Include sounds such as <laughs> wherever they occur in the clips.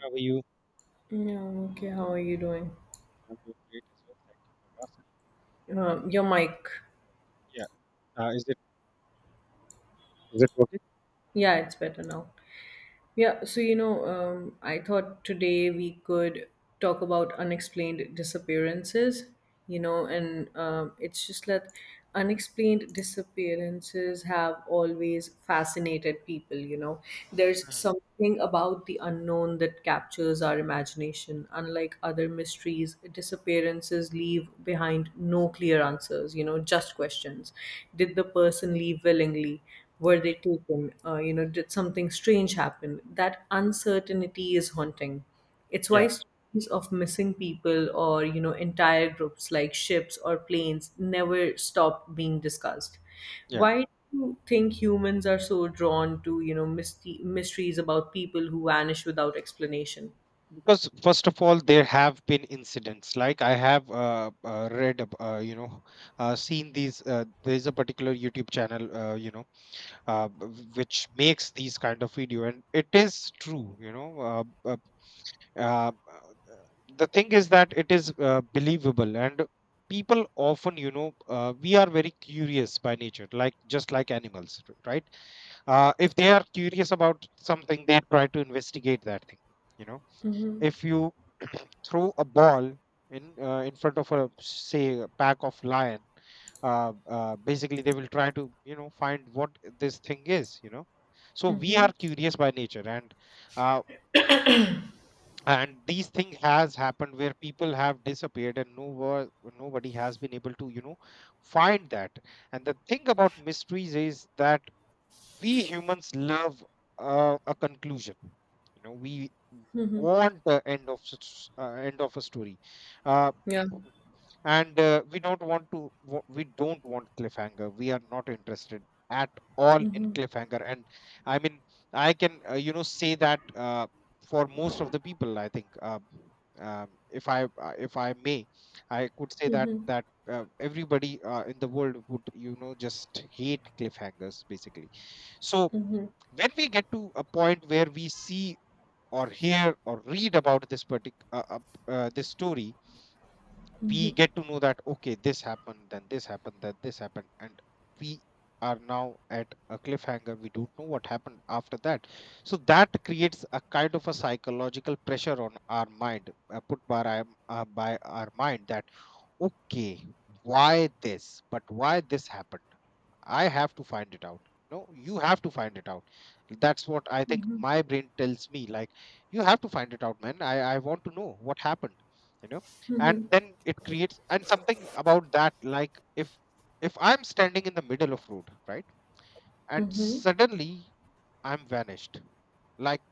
How are you? Yeah, okay. How are you doing? I'm doing great as well. Thank you for asking. Your mic. Yeah. Uh, is it is it working? Yeah, it's better now. Yeah, so I thought today we could talk about unexplained disappearances, and it's just that unexplained disappearances have always fascinated people, you know. There's Mm. something about the unknown that captures our imagination. Unlike other mysteries, disappearances leave behind no clear answers, you know, just questions. Did the person leave willingly? Were they taken? You know, did something strange happen? That uncertainty is haunting. It's Yeah, why stories of missing people or entire groups like ships or planes never stop being discussed. yeah. Why do you think humans are so drawn to mysteries about people who vanish without explanation? Because first of all, there have been incidents. Like I have read, seen these. There is a particular YouTube channel, uh, b- which makes these kind of video, and it is true. Uh, uh, the thing is that it is believable, and people often, we are very curious by nature, like just like animals, right? If they are curious about something, they try to investigate that thing. You know, if you throw a ball in front of a, say, a pack of lion. Basically, they will try to find what this thing is, you know. So we are curious by nature, uh, and these thing has happened where people have disappeared, and no wo- nobody has been able to find that. And the thing about mysteries is that we humans love a conclusion. You know, we want the end of end of a story. uh, Yeah, and uh, we don't want to wa- we don't want cliffhanger. We are not interested at all in cliffhanger. And I mean, I can say that, for most of the people, I think, if I if I may, I could say that everybody in the world would just hate cliffhangers, basically. So when we get to a point where we see or hear or read about this story, we get to know that, okay, this happened, then this happened, then this happened, and we are now at a cliffhanger. We don't know what happened after that. So that creates a kind of a psychological pressure on our mind, put by our mind that, okay, why this happened. I have to find it out. No, you have to find it out. That's what I think my brain tells me. Like, you have to find it out, man. I want to know what happened, you know? And then it creates and something about that, like, if I'm standing in the middle of road, right? And suddenly I'm vanished. Like,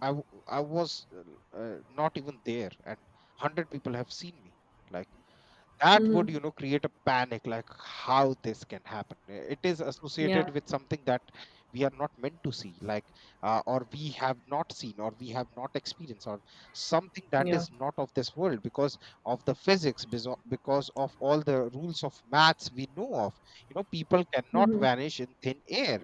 I was not even there, and 100 people have seen me. Like, that would create a panic. Like, how this can happen. It is yeah, associated with something that we are not meant to see. Like, or we have not seen, or we have not experienced, or something that yeah, is not of this world, because of the because of all the rules of maths we know of. You know, people cannot vanish in thin air,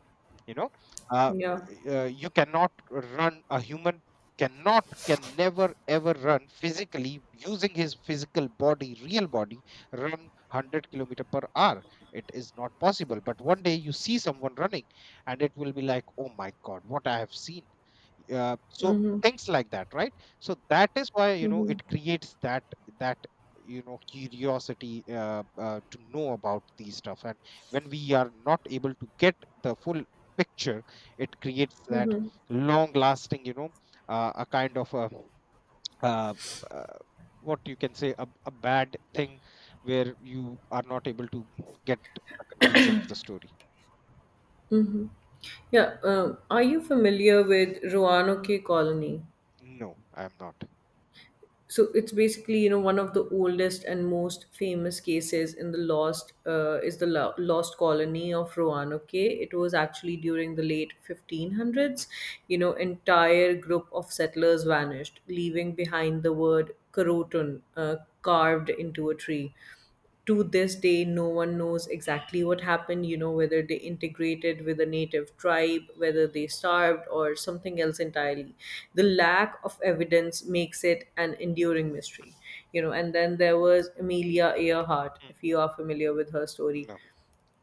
you know. uh, yeah. You cannot run a human can never ever run physically using his physical body, real body, run 100 kilometer per hour. It is not possible, but one day you see someone running, and it will be like, oh my god, what I have seen. So things like that, right? So that is why, you know, it creates that curiosity, to know about these stuff. And when we are not able to get the full picture, it creates that long lasting, a kind of, a uh, uh, what you can say, a bad thing, where you are not able to get a conclusion of the story. Yeah, are you familiar with Roanoke Colony? No, I am not. So it's basically, you know, one of the oldest and most famous cases in the lost is the lo- lost colony of Roanoke. It was actually during the late 1500s. You know, entire group of settlers vanished, leaving behind the word Croton, carved into a tree. To this day no one knows exactly what happened, you know, whether they integrated with a native tribe, whether they starved or something else entirely. The lack of evidence makes it an enduring mystery. You know, and then there was Amelia Earhart, if you are familiar with her Mm. story. No.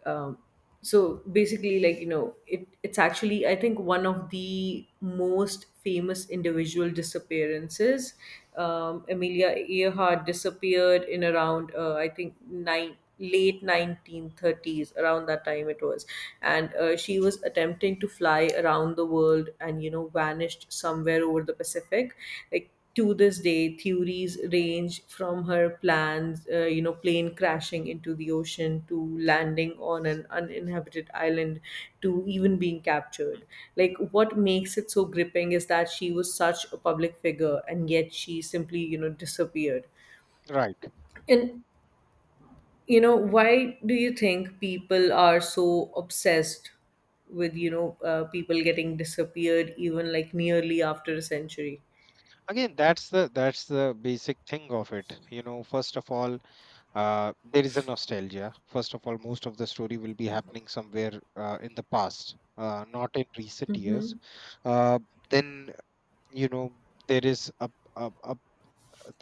Um, so basically, like, you know, it's actually, I think, one of the most famous individual disappearances. Amelia Earhart disappeared in around, I think nine late 1930s, around that time it was. And she was attempting to fly around the world and, you know, vanished somewhere over the Pacific. Like, to this day, theories range from her you know, plane crashing into the ocean, to landing on an uninhabited island, to even being captured. Like, what makes it so gripping is that she was such a public figure and yet she simply, you know, disappeared. Right. And, you know, why do you think people are so obsessed with, people getting disappeared even like nearly after a century? Again, that's the basic thing of it, you know. First of all, there is a nostalgia. First of all, most of the story will be happening somewhere in the past, not in recent years. uh, then, you know, there is a, a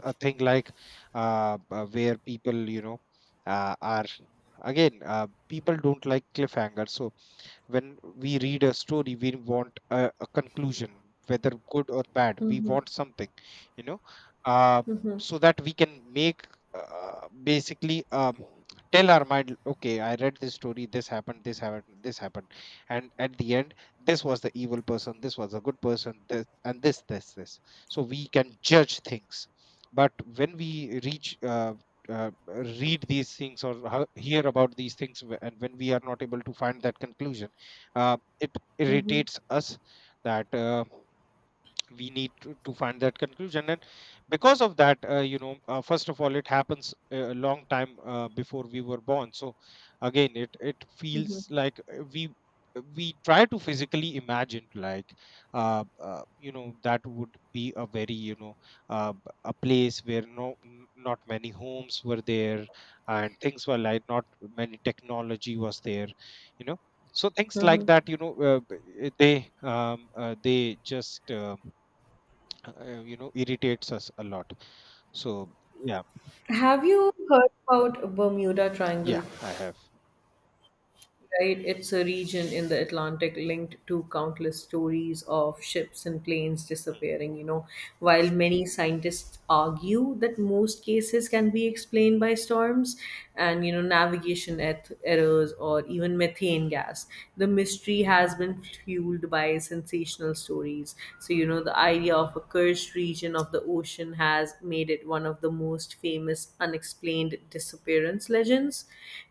a thing like, where people, are, again, people don't like cliffhangers. So when we read a story, we want a conclusion. Whether good or bad, we want something, you know, uh, so that we can make basically tell our mind, okay, I read this story, this happened, this happened, this happened, and at the end, this was the evil person, this was a good person, this and this, this, this. So we can judge things. But when we reach uh, read these things, or hear about these things, and when we are not able to find that conclusion, it Mm-hmm. irritates us. That we need to find that conclusion. And because of that, first of all, it happens a long time before we were born. So again, it Mm-hmm. feels like, we try to physically imagine, like, you know, that would be a very, uh, b- a place where not many homes were there, and things were like, not many technology was there, you know. So things like that, you know. They just irritates us a lot. So yeah. Have you heard about Bermuda Triangle? Yeah, I have. Right? It's a region in the Atlantic linked to countless stories of ships and planes Hmm. disappearing, you know. While many scientists argue that most cases can be explained by storms and, you know, errors, or even methane gas, the mystery has been fueled by sensational stories. So, you know, the idea of a cursed region of the ocean has made it one of the most famous unexplained disappearance legends.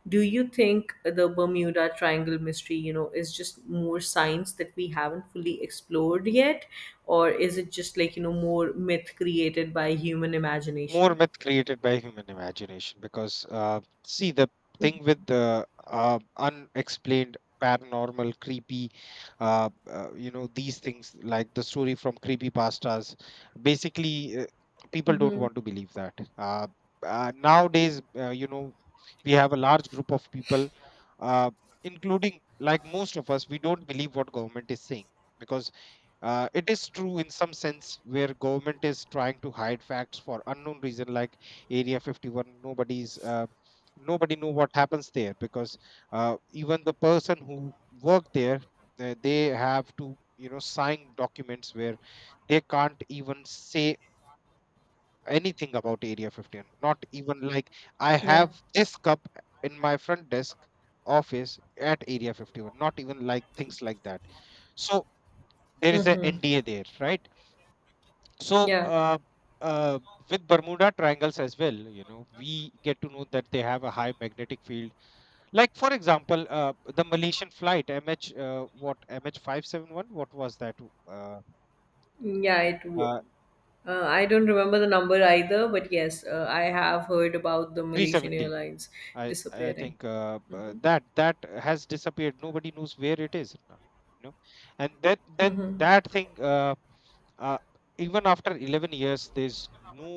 Do you think the Bermuda Triangle mystery, you know, is just more science that we haven't fully explored yet? Or is it just like, you know, more myth created by human More imagination? myth created by human imagination, because see, the thing with the unexplained paranormal creepy, uh, these things like the story from creepy pastas, basically, uh, people don't want to believe that. Nowadays, we have a large group of people, uh, including, like, most of us, we don't believe what government is saying, because it is true in some sense, where government is trying to hide facts for unknown reason, like Area 51. Nobody know what happens there, because even the person who work there, they have to, you know, sign documents where they can't even say anything about Area 51. Not even like, I Yeah. have this cup in my front desk office at Area 51. Not even like things like that. So there is an Mhm. NDA there, right? So Yeah. Uh, with bermuda triangles as well, you know, we get to know that they have a high magnetic field. Like, for example, the malaysian flight mh what MH571, what was that, uh, Yeah, it w- uh, uh, I don't remember the number either, but yes, I have heard about the Malaysian 370. Airlines I disappearing. think, that has disappeared. Nobody knows where it is now, you know. And then that thing, uh, even after 11 years, there's no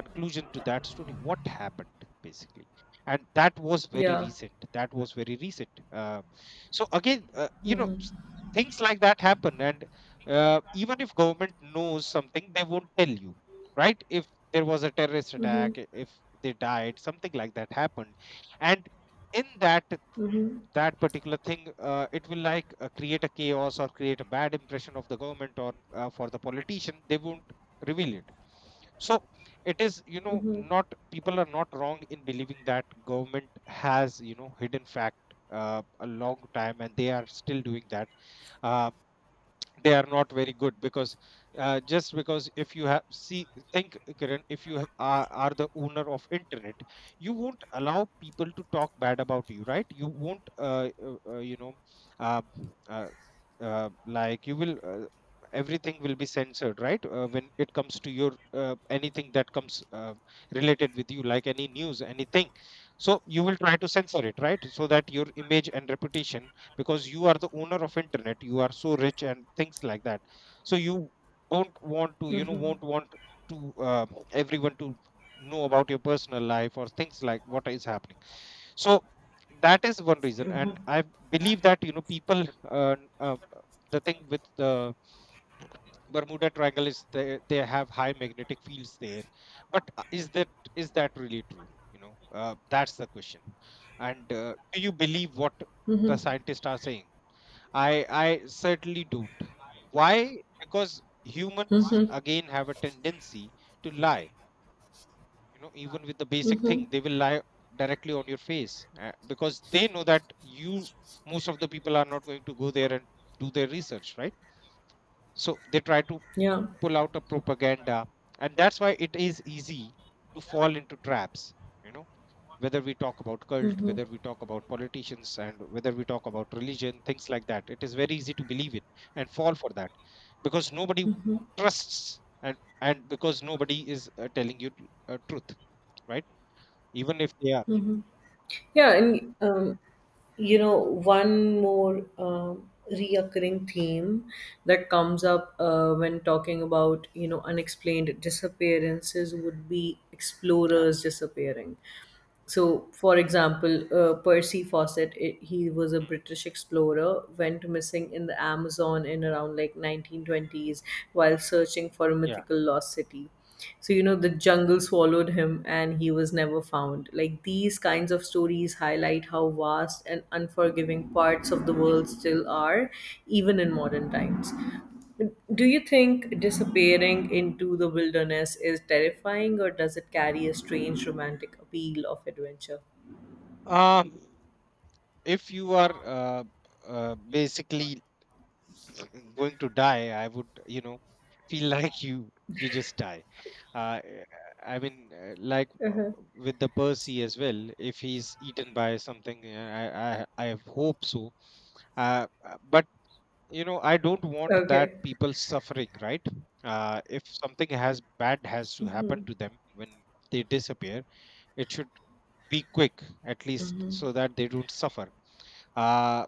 conclusion to that story, what happened, basically. And that was very Yeah. recent that was very recent So again, things like that happen. And even if government knows something, they won't tell you, right? If there was a terrorist attack, if they died, something like that happened, and in that particular thing, it will, like, create a chaos, or create a bad impression of the government, or for the politician, they won't reveal it. So it is, you know, not, people are not wrong in believing that government has, you know, hidden fact a long time, and they are still doing that. uh, they are not very good, because just because, if you have see think, Kiran, if you are the owner of internet, you won't allow people to talk bad about you, right? you won't uh, uh, like you will Everything will be censored, right? When it comes to your, anything that comes related with you, like any news, anything, so you will try to censor it, right, so that your image and reputation, because you are the owner of internet, you are so rich and things like that. So you don't want to, you know, won't want to, everyone to know about your personal life or things like what is happening. So that is one reason. And I believe that, you know, people, uh, uh, the thing with the bermuda triangle is, they have high magnetic fields there. But is that really true, you know? That's the question. And do you believe what the scientists are saying? I certainly don't. Why? Because humans, again, have a tendency to lie. You know, even with the basic Mhm. thing, they will lie directly on your face, because they know that, you most of the people are not going to go there and do their research, right? So they try to Yeah. pull out a propaganda, and that's why it is easy to fall into traps. You know, whether we talk about cult, whether we talk about politicians, and whether we talk about religion, things like that, it is very easy to believe in and fall for that, because nobody trusts, and because nobody is, telling you, truth, right? Even if they are. Yeah, and you know, one more reoccurring theme that comes up when talking about, you know, unexplained disappearances would be Yeah. explorers disappearing. So, for example, Percy Fawcett, I he was a British explorer, went missing in the Amazon in around like 1920s, while searching for a Yeah. mythical lost city. So, you know, the jungle swallowed him and he was never found. Like, these kinds of stories highlight how vast and unforgiving parts of the world still are, even in modern times. Do you think disappearing into the wilderness is terrifying, or does it carry a strange romantic appeal of adventure? um if you are, basically, going to die, I would, you know, feel <laughs> like you just die. Uh, eh, I mean, like, with the Percy as well. If he's eaten by something, eh, I hope so. But, you know, I don't want that Okay. people suffering, right? If something has bad has to happen to them when they disappear, it should be quick, at least, so that they don't suffer, uh,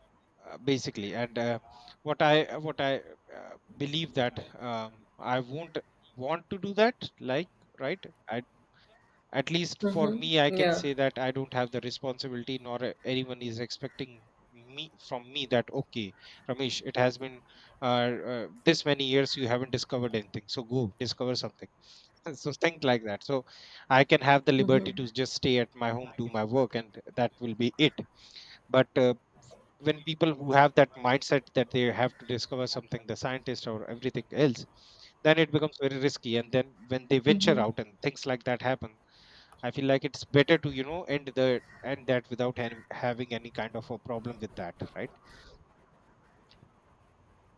basically. And what I believe that, I won't want to do that. Like, right, I, at least for me, I Mm-hmm. can Yeah. say that I don't have the responsibility, nor anyone is expecting me from me that, okay, Ramesh, it has been, this many years, you haven't discovered anything, so go discover something. <laughs> So think like that. So I can have the liberty Mm-hmm. to just stay at my home, do my work, and that will be it. But when people who have that mindset that they have to discover something, the scientist or everything else, then it becomes very risky. And then when they venture Mm-hmm. out and things like that happen, I feel like it's better to, you know, end that without any, having any kind of a problem with that, right?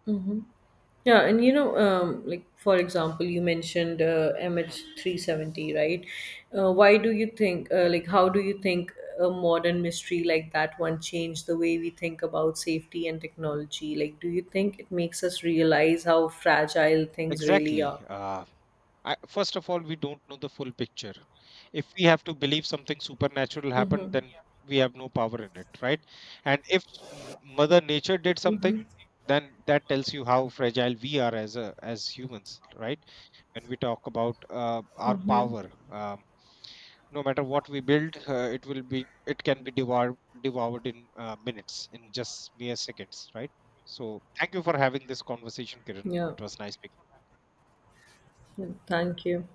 Mm-hmm. Yeah, and you know, like for example, you mentioned Mm. MH370, right? Why do you think, Like, how do you think a modern mystery like that one changed the way we think about safety and technology? Like, do you think it makes us realize how fragile things really Exactly. are? I, first of all, we don't know the full picture. If we have to believe something supernatural happened, then we have no power in it, right? And if Mother Nature did something, then that tells you how fragile we are as as humans, right? When we talk about our power, no matter what we build, it can be devoured, in minutes, in just mere seconds, right? So thank you for having this conversation, Kiran. Yeah. It was nice speaking. Yeah. Thank you.